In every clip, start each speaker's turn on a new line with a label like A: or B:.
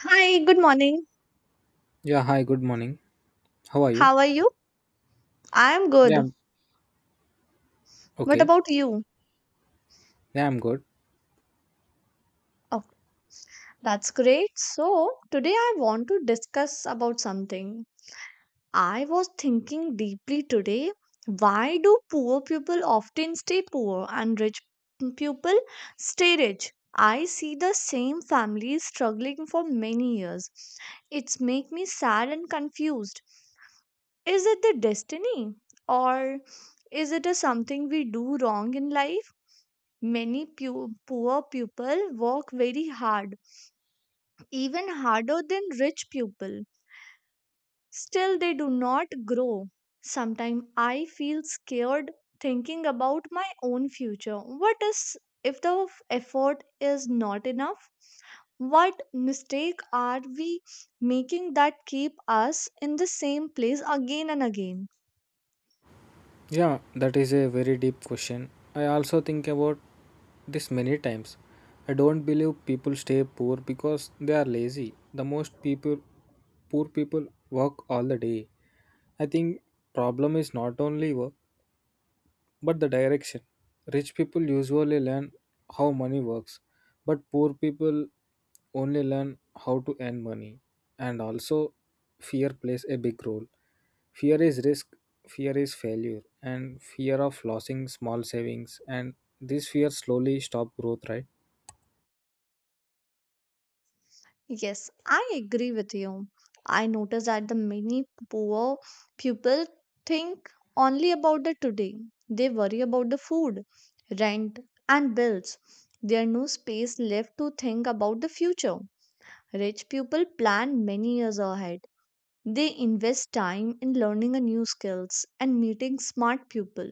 A: Hi, good morning.
B: Yeah, hi, good morning. How are you?
A: How are you? I'm
B: Yeah,
A: good.
B: I'm
A: What
B: okay.
A: about you?
B: Yeah, I'm good.
A: Oh, that's great. So, today I want to discuss about something. I was thinking deeply today, why do poor people often stay poor and rich people stay rich? I see the same families struggling for many years. It's make me sad and confused. Is it the destiny or is it a something we do wrong in life? Many poor people work very hard, even harder than rich people. Still, they do not grow. Sometimes I feel scared thinking about my own future. What is if the effort is not enough? What mistake are we making that keep us in the same place again and again?
B: Yeah, that is a very deep question. I also think about this many times. I don't believe people stay poor because they are lazy. The most people poor people work all the day. I think problem is not only work, but the direction. Rich people usually learn how money works, but poor people only learn how to earn money. And also, fear plays a big role. Fear is risk, fear is failure, and fear of losing small savings. And this fear slowly stop growth, right?
A: Yes, I agree with you. I notice that the many poor people think only about the today. They worry about the food, rent, and bills. There no space left to think about the future. Rich people plan many years ahead. They invest time in learning a new skills and meeting smart people.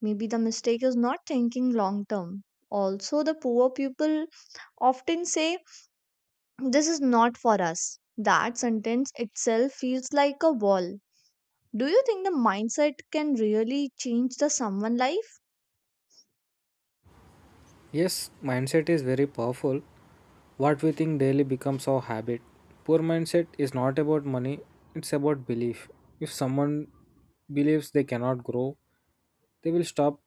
A: Maybe the mistake is not thinking long term. Also, the poor people often say this is not for us. That sentence itself feels like a wall. Do you think the mindset can really change the someone life?
B: Yes, mindset is very powerful. What we think daily becomes our habit. Poor mindset is not about money, it's about belief. If someone believes they cannot grow, they will stop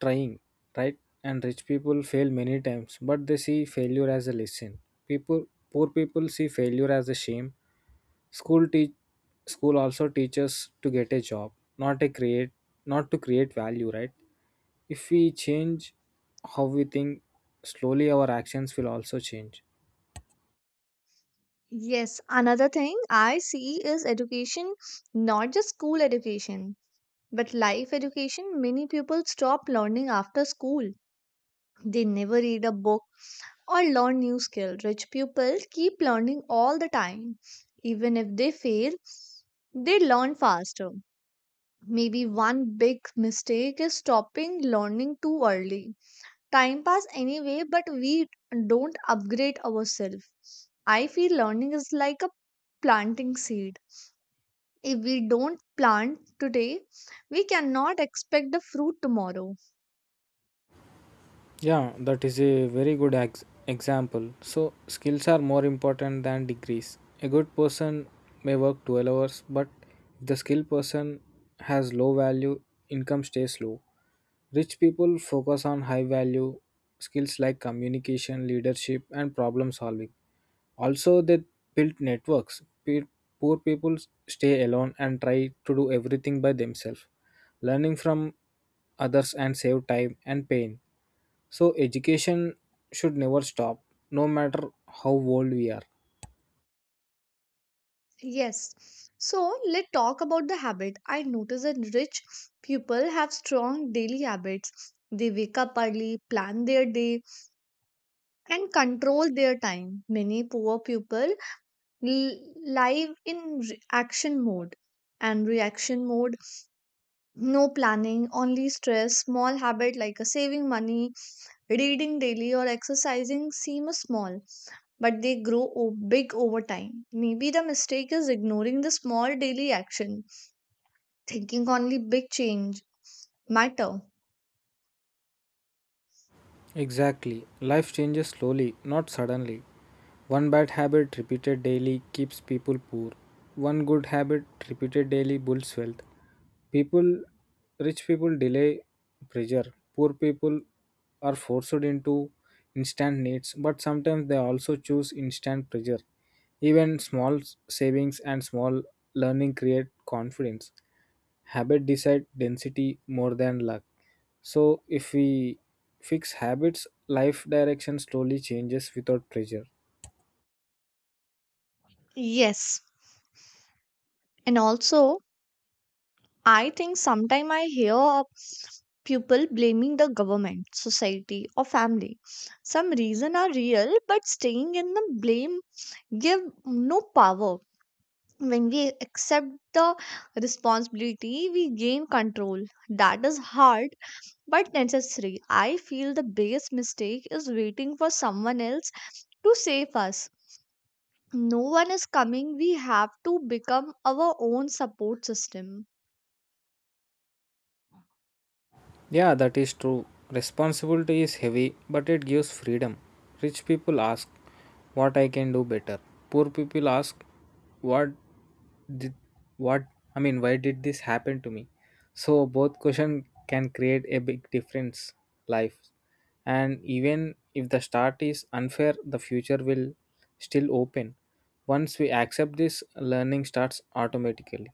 B: trying, right? And rich people fail many times, but they see failure as a lesson. People, poor people see failure as a shame. School teach, school also teaches to get a job, not a create, not to create value, right? If we change how we think, slowly our actions will also change.
A: Yes, another thing I see is education, not just school education, but life education. Many people stop learning after school. They never read a book or learn new skill. Rich people keep learning all the time. Even if they fail, they learn faster. Maybe one big mistake is stopping learning too early. Time pass anyway, but we don't upgrade ourselves. I feel learning is like a planting seed. If we don't plant today, we cannot expect the fruit tomorrow.
B: Yeah, that is a very good example. So, skills are more important than degrees. A good person may work 12 hours, but if the skilled person has low value, income stays low. Rich people focus on high value skills like communication, leadership, and problem solving. Also, they build networks. Poor people stay alone and try to do everything by themselves, learning from others and save time and pain. So, education should never stop, no matter how old we are.
A: Yes. So let's talk about the habit. I notice that rich people have strong daily habits. They wake up early, plan their day, and control their time. Many poor people l- live in re- action mode and reaction mode, no planning, only stress. Small habit like a saving money, reading daily, or exercising seem a small, but they grow big over time. Maybe the mistake is ignoring the small daily action, thinking only big change matter.
B: Exactly. Life changes slowly, not suddenly. One bad habit repeated daily keeps people poor. One good habit repeated daily builds wealth. People, rich people delay pressure. Poor people are forced into instant needs, but sometimes they also choose instant pressure. Even small savings and small learning create confidence. Habit decide density more than luck. So if we fix habits, life direction slowly changes without pressure.
A: Yes, and also I think sometimes I hear of people blaming the government, society, or family. Some reasons are real, but staying in the blame give no power. When we accept the responsibility, we gain control. That is hard but necessary. I feel the biggest mistake is waiting for someone else to save us. No one is coming, we have to become our own support system.
B: Yeah, that is true. Responsibility is heavy but it gives freedom. Rich people ask, what I can do better? Poor people ask, what did what I mean why did this happen to me? So both question can create a big difference life. And even if the start is unfair, the future will still open. Once we accept this, learning starts automatically.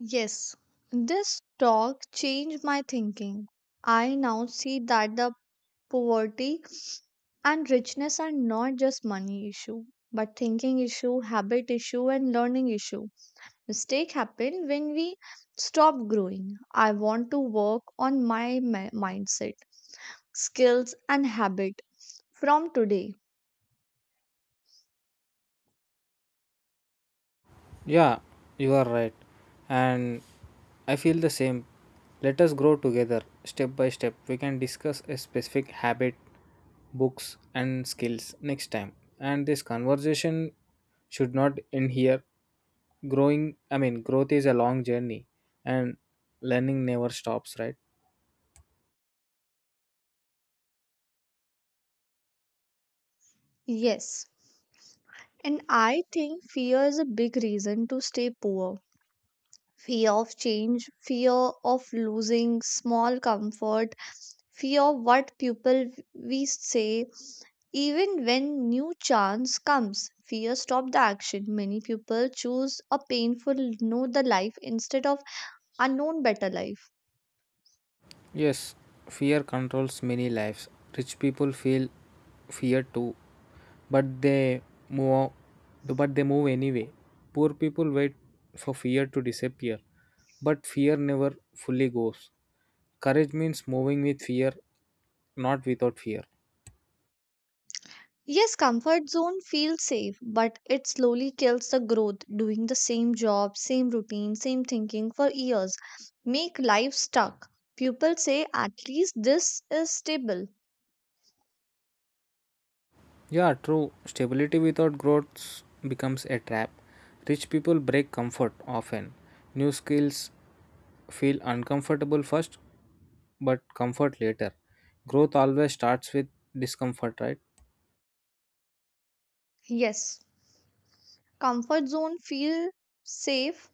A: Yes, this talk changed my thinking. I now see that the poverty and richness are not just money issue, but thinking issue, habit issue, and learning issue. Mistake happen when we stop growing. I want to work on my mindset, skills, and habit from today.
B: Yeah, you are right, and I feel the same. Let us grow together step by step. We can discuss a specific habit, books, and skills next time. And this conversation should not end here. Growth is a long journey and learning never stops, right?
A: Yes, and I think fear is a big reason to stay poor. Fear of change, fear of losing small comfort, fear of what people we say, even when new chance comes. Fear stop the action. Many people choose a painful know the life instead of unknown better life.
B: Yes, fear controls many lives. Rich people feel fear too, but they move, but they move anyway. Poor people wait for fear to disappear, but fear never fully goes. Courage means moving with fear, not without fear.
A: Yes, comfort zone feels safe, but it slowly kills the growth. Doing the same job, same routine, same thinking for years make life stuck. People say at least this is stable.
B: Yeah, true. Stability without growth becomes a trap. Rich people break comfort often. New skills feel uncomfortable first, but comfort later. Growth always starts with discomfort, right?
A: Yes. Comfort zone feel safe,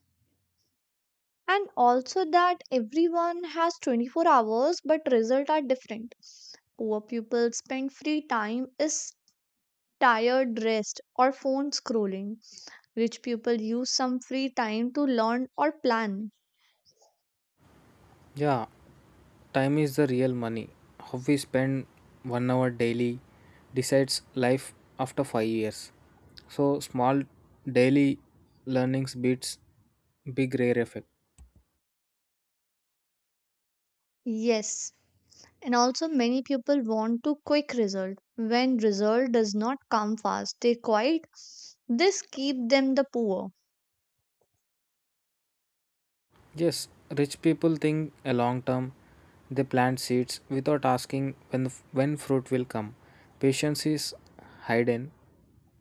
A: and also that everyone has 24 hours but results are different. Poor people spend free time is tired rest or phone scrolling. Rich people use some free time to learn or plan.
B: Yeah, time is the real money. How we spend 1 hour daily decides life after 5 years. So, small daily learnings beats big rare effect.
A: Yes, and also many people want to quick result. When result does not come fast they quite, this keep them the poor.
B: Yes, rich people think a long term. They plant seeds without asking when fruit will come. Patience is hidden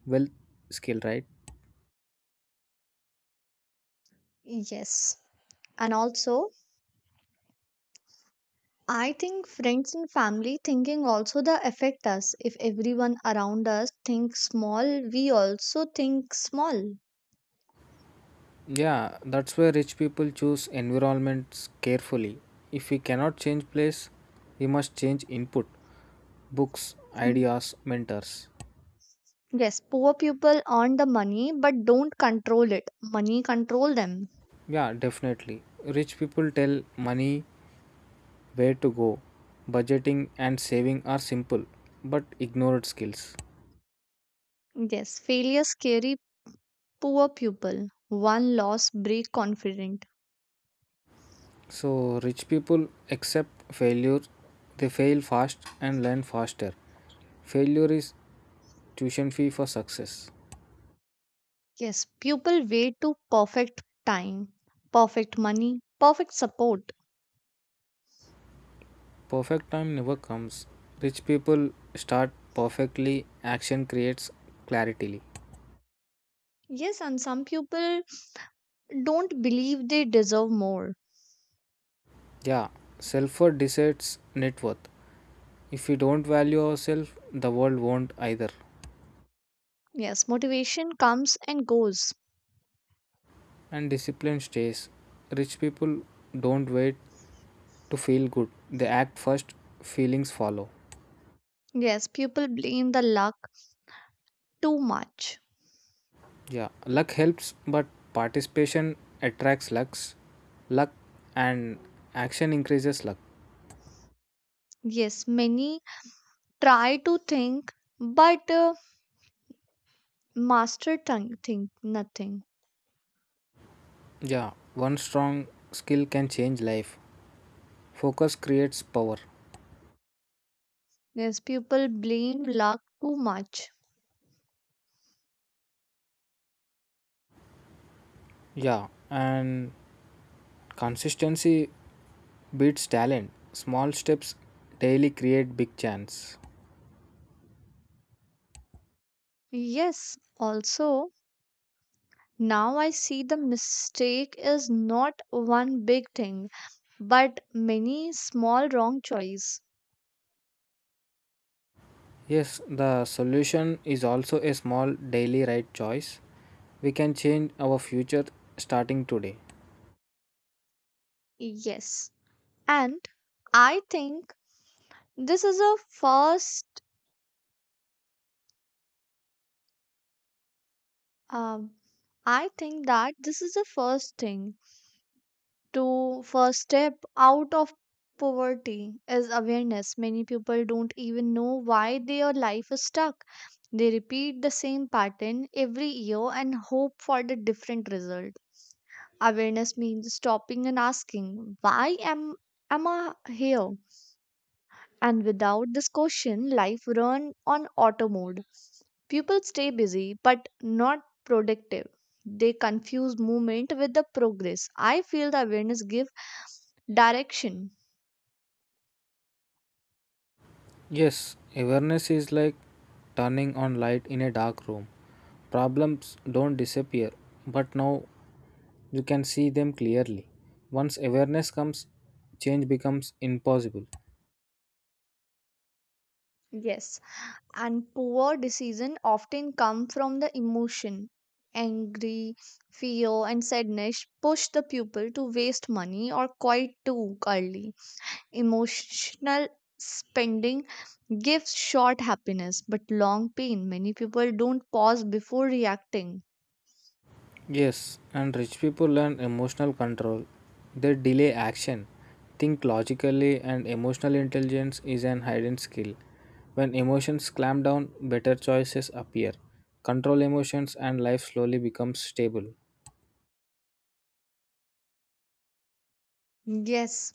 B: wealth skill, right?
A: Yes, and also I think friends and family thinking also the affect us. If everyone around us thinks small, we also think small.
B: Yeah, that's why rich people choose environments carefully. If we cannot change place, we must change input, books,
A: Hmm.
B: ideas, mentors.
A: Yes, poor people earn the money but don't control it. Money control them.
B: Yeah, definitely. Rich people tell money where to go. Budgeting and saving are simple but ignored skills.
A: Yes, failure scary poor people. One loss break confident.
B: So, rich people accept failure, they fail fast and learn faster. Failure is tuition fee for success.
A: Yes, people wait to perfect time, perfect money, perfect support.
B: Perfect time never comes. Rich people start perfectly, action creates clarity.
A: Yes, and some people don't believe they deserve more.
B: Yeah, self worth decides net worth. If we don't value ourselves, the world won't either.
A: Yes, motivation comes and goes.
B: And discipline stays. Rich people don't wait to feel good, they act first, feelings follow.
A: Yes, people blame the luck too much.
B: Yeah, luck helps, but participation attracts lucks. Luck and action increases luck.
A: Yes, many try to think but master tongue think nothing.
B: Yeah, one strong skill can change life. Focus creates power.
A: Yes, people blame luck too much.
B: Yeah, and consistency beats talent. Small steps daily create big chance.
A: Yes, also now I see the mistake is not one big thing but many small wrong choice.
B: Yes, the solution is also a small daily right choice. We can change our future starting today.
A: Yes, and I think this is a first Um, I think that this is the first thing to first step out of poverty is awareness. Many people don't even know why their life is stuck. They repeat the same pattern every year and hope for the different result. Awareness means stopping and asking, why am I here? And without this question, life run on auto mode. People stay busy but not productive. They confuse movement with the progress. I feel the awareness give direction.
B: Yes, awareness is like turning on light in a dark room. Problems don't disappear, but now you can see them clearly. Once awareness comes, change becomes impossible.
A: Yes. And poor decision often come from the emotion. Angry, fear, and sadness push the pupil to waste money or quit too early. Emotional spending gives short happiness but long pain. Many people don't pause before reacting.
B: Yes, and rich people learn emotional control. They delay action, think logically, and emotional intelligence is an hidden skill. When emotions clamp down, better choices appear. Control emotions and life slowly becomes stable.
A: Yes.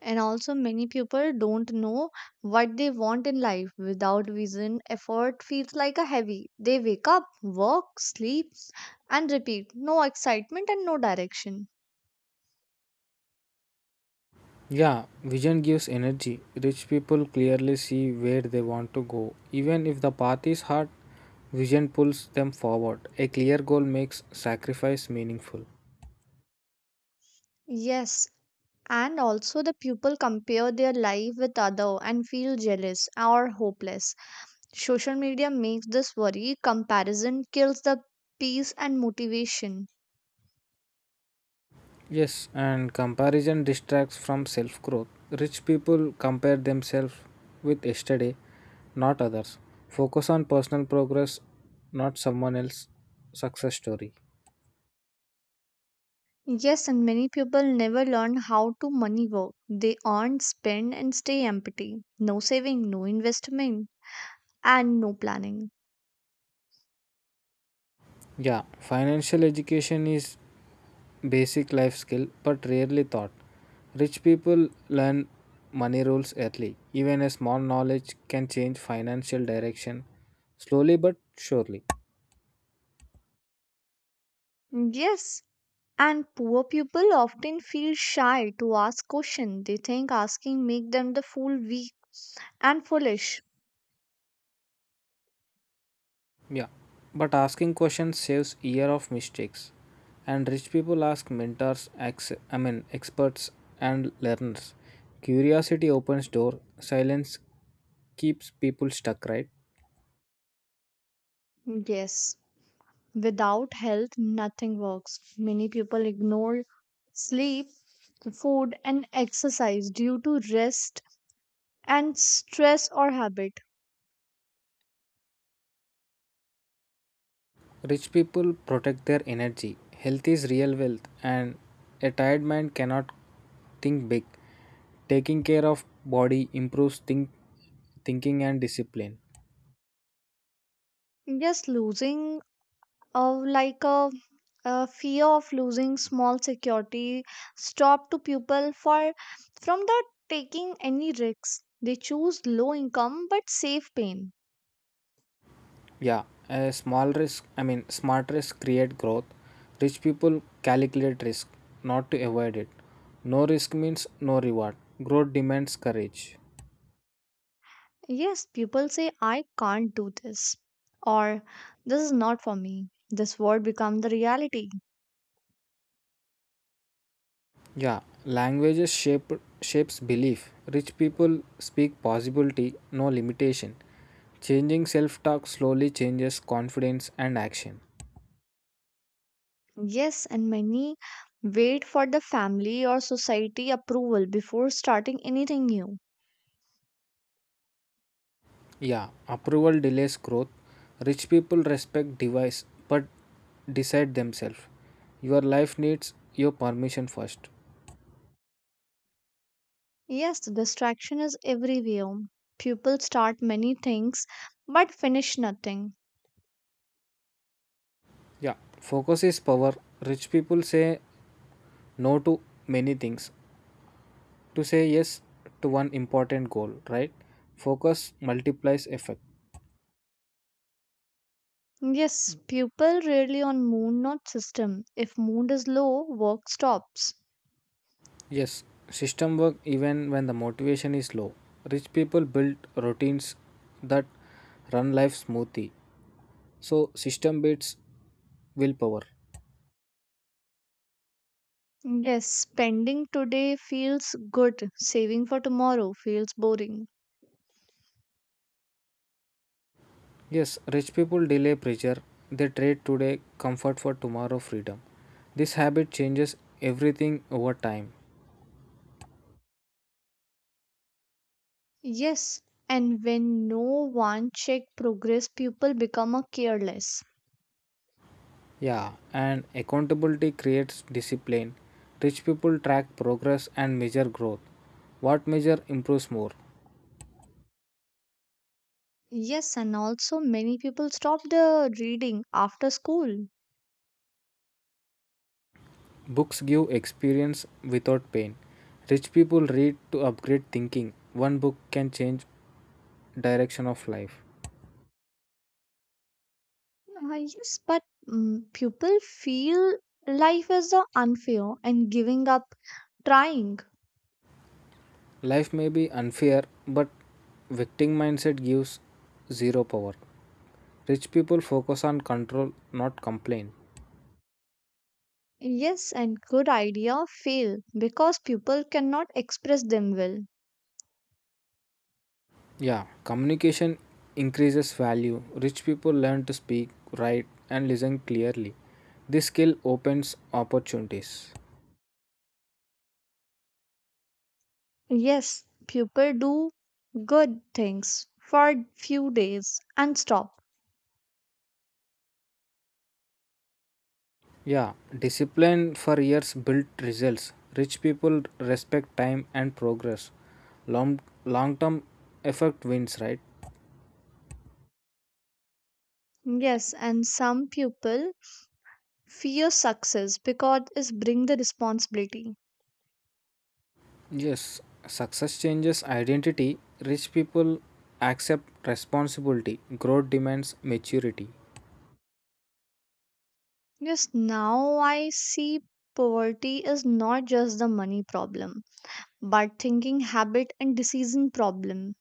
A: And also, many people don't know what they want in life. Without vision, effort feels like a heavy. They wake up, work, sleep, and repeat. No excitement and no direction.
B: Yeah, vision gives energy. Rich people clearly see where they want to go. Even if the path is hard, vision pulls them forward. A clear goal makes sacrifice meaningful.
A: Yes. And also, the people compare their life with other and feel jealous or hopeless. Social media makes this worry. Comparison kills the peace and motivation.
B: Yes, and comparison distracts from self growth. Rich people compare themselves with yesterday, not others. Focus on personal progress, not someone else's success story.
A: Yes, and many people never learn how to money work. They earn, spend, and stay empty. No saving, no investment, and no planning.
B: Yeah, financial education is basic life skill but rarely taught. Rich people learn money rules early. Even a small knowledge can change financial direction slowly but surely.
A: Yes, and poor people often feel shy to ask questions. They think asking make them the fool, weak, and foolish.
B: Yeah. But asking questions saves year of mistakes. And rich people ask mentors, experts and learners. Curiosity opens door, silence keeps people stuck, right?
A: Yes, without health, nothing works. Many people ignore sleep, food, and exercise due to rest and stress or habit.
B: Rich people protect their energy. Health is real wealth, and a tired mind cannot think big. Taking care of body improves thinking and discipline.
A: Yes, losing uh, like a, a fear of losing small security stop to people for from the taking any risks. They choose low income but safe pain.
B: Yeah, a small risk, I mean, smart risk create growth. Rich people calculate risk, not to avoid it. No risk means no reward. Growth demands courage.
A: Yes, people say I can't do this, or this is not for me. This word become the reality.
B: Yeah, languages shapes belief. Rich people speak possibility, no limitation. Changing self-talk slowly changes confidence and action.
A: Yes, and many wait for the family or society approval before starting anything new.
B: Yeah, approval delays growth. Rich people respect device but decide themselves. Your life needs your permission first.
A: Yes, distraction is everywhere. People start many things but finish nothing.
B: Yeah, focus is power. Rich people say no to many things to say yes to one important goal, right? Focus multiplies effect.
A: Yes, people rarely on mood not system. If mood is low, work stops.
B: Yes, system work even when the motivation is low. Rich people build routines that run life smoothly. So system beats willpower.
A: Yes, spending today feels good, saving for tomorrow feels boring.
B: Yes, rich people delay pressure. They trade today comfort for tomorrow freedom. This habit changes everything over time.
A: Yes, and when no one check progress, people become a careless.
B: Yeah, and accountability creates discipline. Rich people track progress and measure growth. What measure improves more?
A: Yes, and also many people stop the reading after school.
B: Books give experience without pain. Rich people read to upgrade thinking. One book can change direction of life.
A: Yes, but people feel life is unfair and giving up trying.
B: Life may be unfair, but victim mindset gives zero power. Rich people focus on control, not complain.
A: Yes, and good idea fail because people cannot express them well.
B: Yeah, communication increases value. Rich people learn to speak, write, and listen clearly. This skill opens opportunities.
A: Yes, people do good things for few days and stop.
B: Yeah, discipline for years built results. Rich people respect time and progress. Long long term effect wins, right?
A: Yes, and some people fear success because it bring the responsibility.
B: Yes, success changes identity. Rich people accept responsibility. Growth demands maturity.
A: Yes, now I see poverty is not just the money problem, but thinking habit and decision problem.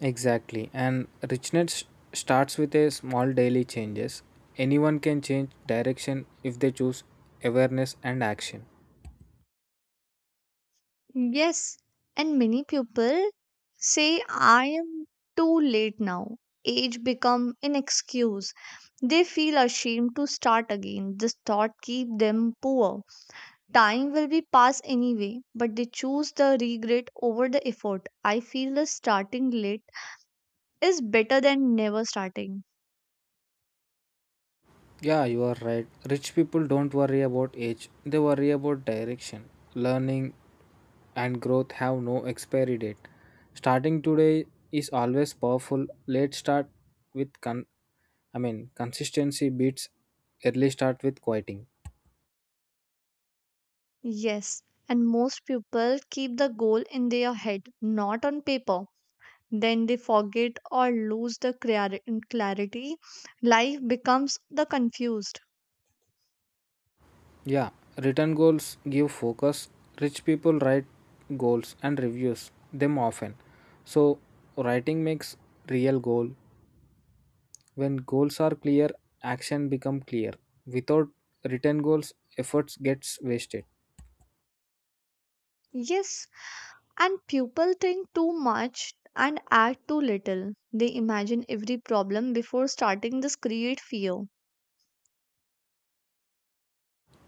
B: Exactly. And richness starts with a small daily changes. Anyone can change direction if they choose awareness and action.
A: Yes, and many people say I am too late now. Age become an excuse. They feel ashamed to start again. This thought keep them poor. Time will be passed anyway, but they choose the regret over the effort. I feel the starting late is better than never starting.
B: Yeah, you are right. Rich people don't worry about age, they worry about direction. Learning and growth have no expiry date. Starting today is always powerful. Late start with consistency beats early start with quieting.
A: Yes, and most people keep the goal in their head, not on paper. Then they forget or lose the clarity. Life becomes the confused.
B: Yeah, written goals give focus. Rich people write goals and reviews them often. So writing makes real goal. When goals are clear, action become clear. Without written goals, efforts gets wasted.
A: Yes, and people think too much and act too little. They imagine every problem before starting, this create fear.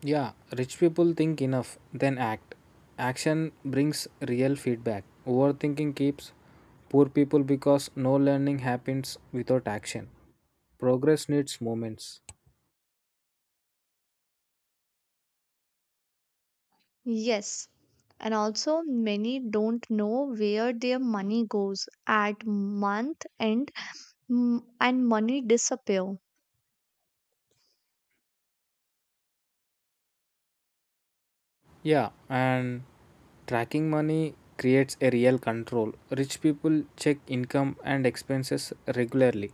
B: Yeah, rich people think enough, then act. Action brings real feedback. Overthinking keeps poor people because no learning happens without action. Progress needs moments.
A: Yes, and also many don't know where their money goes at month end, and money disappear.
B: Yeah, and tracking money creates a real control. Rich people check income and expenses regularly.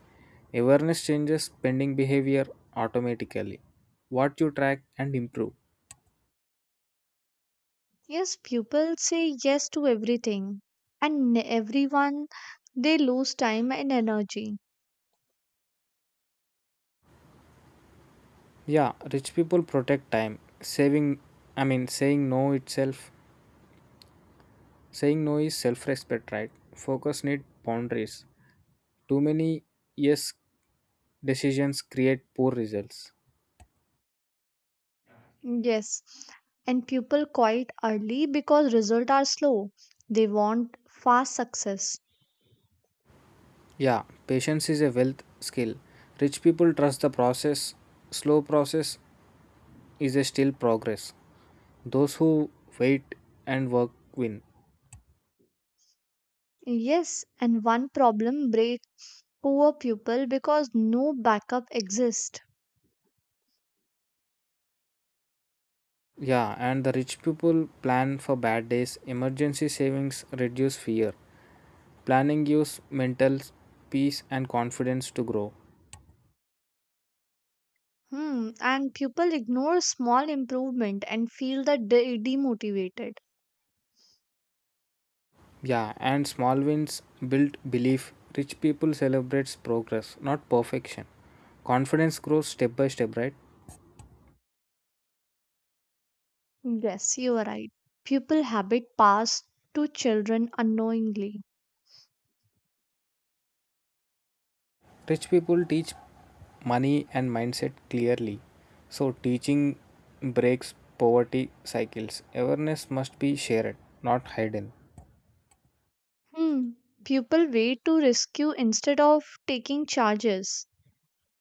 B: Awareness changes spending behavior automatically. What you track and improve.
A: Yes, pupils say yes to everything, and everyone, they lose time and energy.
B: Yeah, rich people protect time. Saying no itself. Saying no is self respect, right? Focus need boundaries. Too many yes decisions create poor results.
A: Yes, and pupil quite early because results are slow. They want fast success.
B: Yeah, patience is a wealth skill. Rich people trust the process. Slow process is a still progress. Those who wait and work win.
A: Yes, and one problem break poor pupil because no backup exists.
B: Yeah, and the rich people plan for bad days. Emergency savings reduce fear. Planning gives mental peace and confidence to grow.
A: Hmm, and pupil ignore small improvement and feel that demotivated.
B: Yeah, and small wins build belief. Rich people celebrates progress, not perfection. Confidence grows step by step, right?
A: Yes, you are right. Pupil habit pass to children unknowingly.
B: Rich people teach money and mindset clearly, so teaching breaks poverty cycles. Awareness must be shared, not hidden.
A: Hmm. People wait to rescue instead of taking charges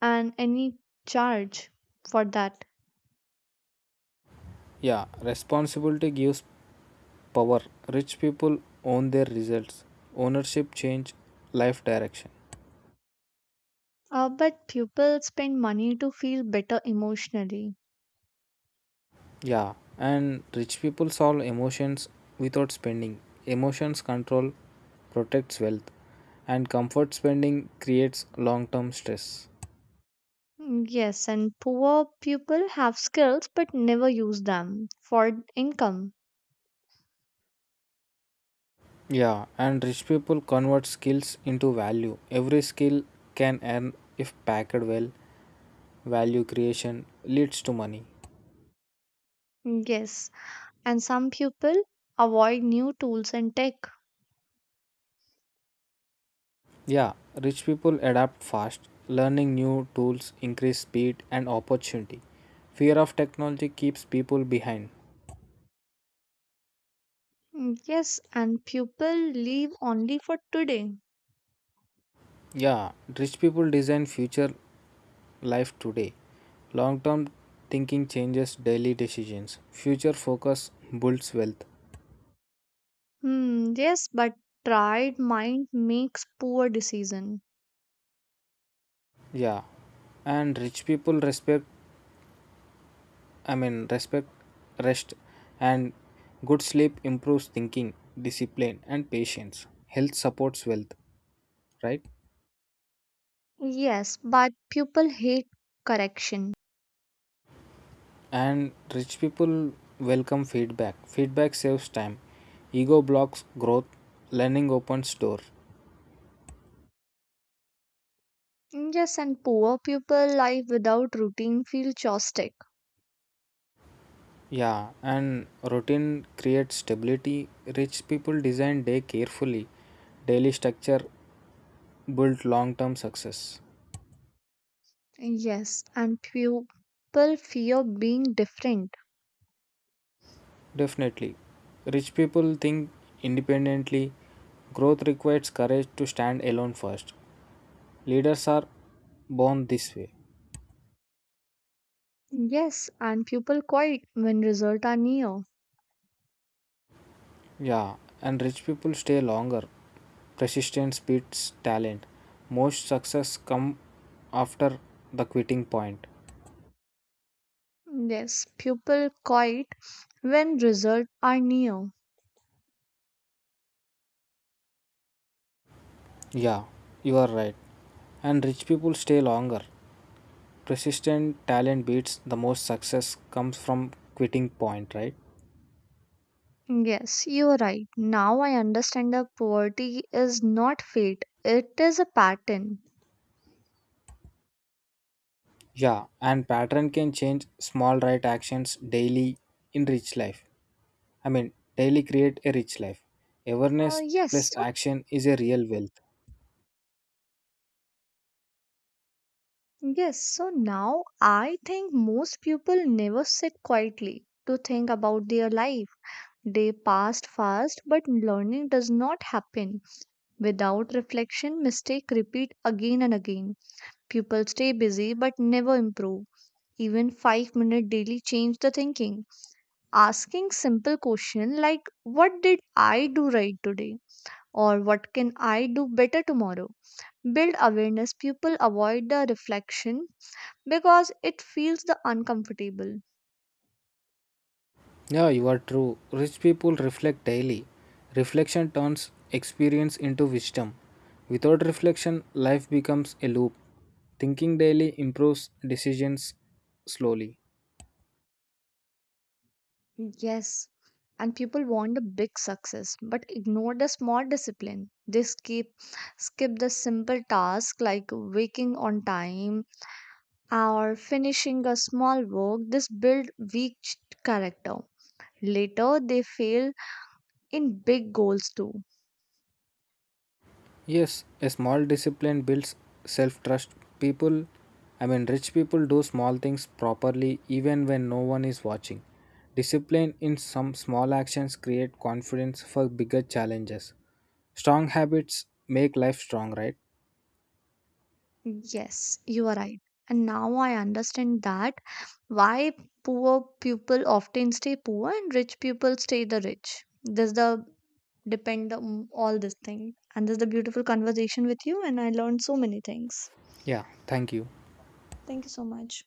A: and any charge for that.
B: Yeah, responsibility gives power. Rich people own their results. Ownership change life direction.
A: But people spend money to feel better emotionally.
B: Yeah, and rich people solve emotions without spending. Emotions control protects wealth, and comfort spending creates long term stress.
A: Yes, and poor people have skills but never use them for income.
B: Yeah, and rich people convert skills into value. Every skill can earn if packed well. Value creation leads to money.
A: Yes, and some people avoid new tools and tech.
B: Yeah, rich people adapt fast. Learning new tools increase speed and opportunity. Fear of technology keeps people behind.
A: Yes, and people live only for today.
B: Yeah, rich people design future life today. Long-term thinking changes daily decisions. Future focus builds wealth.
A: Hmm, yes, but pride mind makes poor decision.
B: Yeah, and rich people respect, rest, and good sleep improves thinking, discipline, and patience. Health supports wealth, right?
A: Yes, but people hate correction.
B: And rich people welcome feedback. Feedback saves time. Ego blocks growth. Learning opens door.
A: Yes, and poor people life without routine feel chaotic.
B: Yeah, and routine creates stability. Rich people design day carefully. Daily structure build long-term success.
A: Yes, and people fear being different.
B: Definitely. Rich people think independently. Growth requires courage to stand alone first. Leaders are born this way.
A: Yes, and people quiet when results are near.
B: Yeah, and rich people stay longer. Persistence beats talent. Most success come after the quitting point.
A: Yes, people quiet when results are near.
B: Yeah, you are right. And rich people stay longer. Persistent talent beats the most success comes from quitting point, right?
A: Yes, you're right. Now I understand that poverty is not fate, it is a pattern.
B: Yeah, and pattern can change small right actions daily in rich life. I mean, daily create a rich life.
A: Uh,
B: Awareness
A: yes,
B: plus
A: so
B: action is a real wealth.
A: Yes, so now I think most people never sit quietly to think about their life. They passed fast, but learning does not happen. Without reflection, mistake repeat again and again. People stay busy but never improve. Even 5-minute daily change the thinking. Asking simple question like what did I do right today or what can I do better tomorrow? Build awareness. People avoid the reflection because it feels the uncomfortable.
B: Yeah, you are true. Rich people reflect daily. Reflection turns experience into wisdom. Without reflection, life becomes a loop. Thinking daily improves decisions slowly.
A: Yes, and people want a big success but ignore the small discipline. They skip the simple task like waking on time or finishing a small work. This build weak character. Later they fail in big goals too.
B: Yes, a small discipline builds self trust. People, rich people do small things properly even when no one is watching. Discipline in some small actions create confidence for bigger challenges. Strong habits make life strong, right?
A: Yes, you are right. And now I understand that why poor people often stay poor and rich people stay the rich. This the depend on all this thing. And this is a beautiful conversation with you, and I learned so many things.
B: Yeah, thank you.
A: Thank you so much.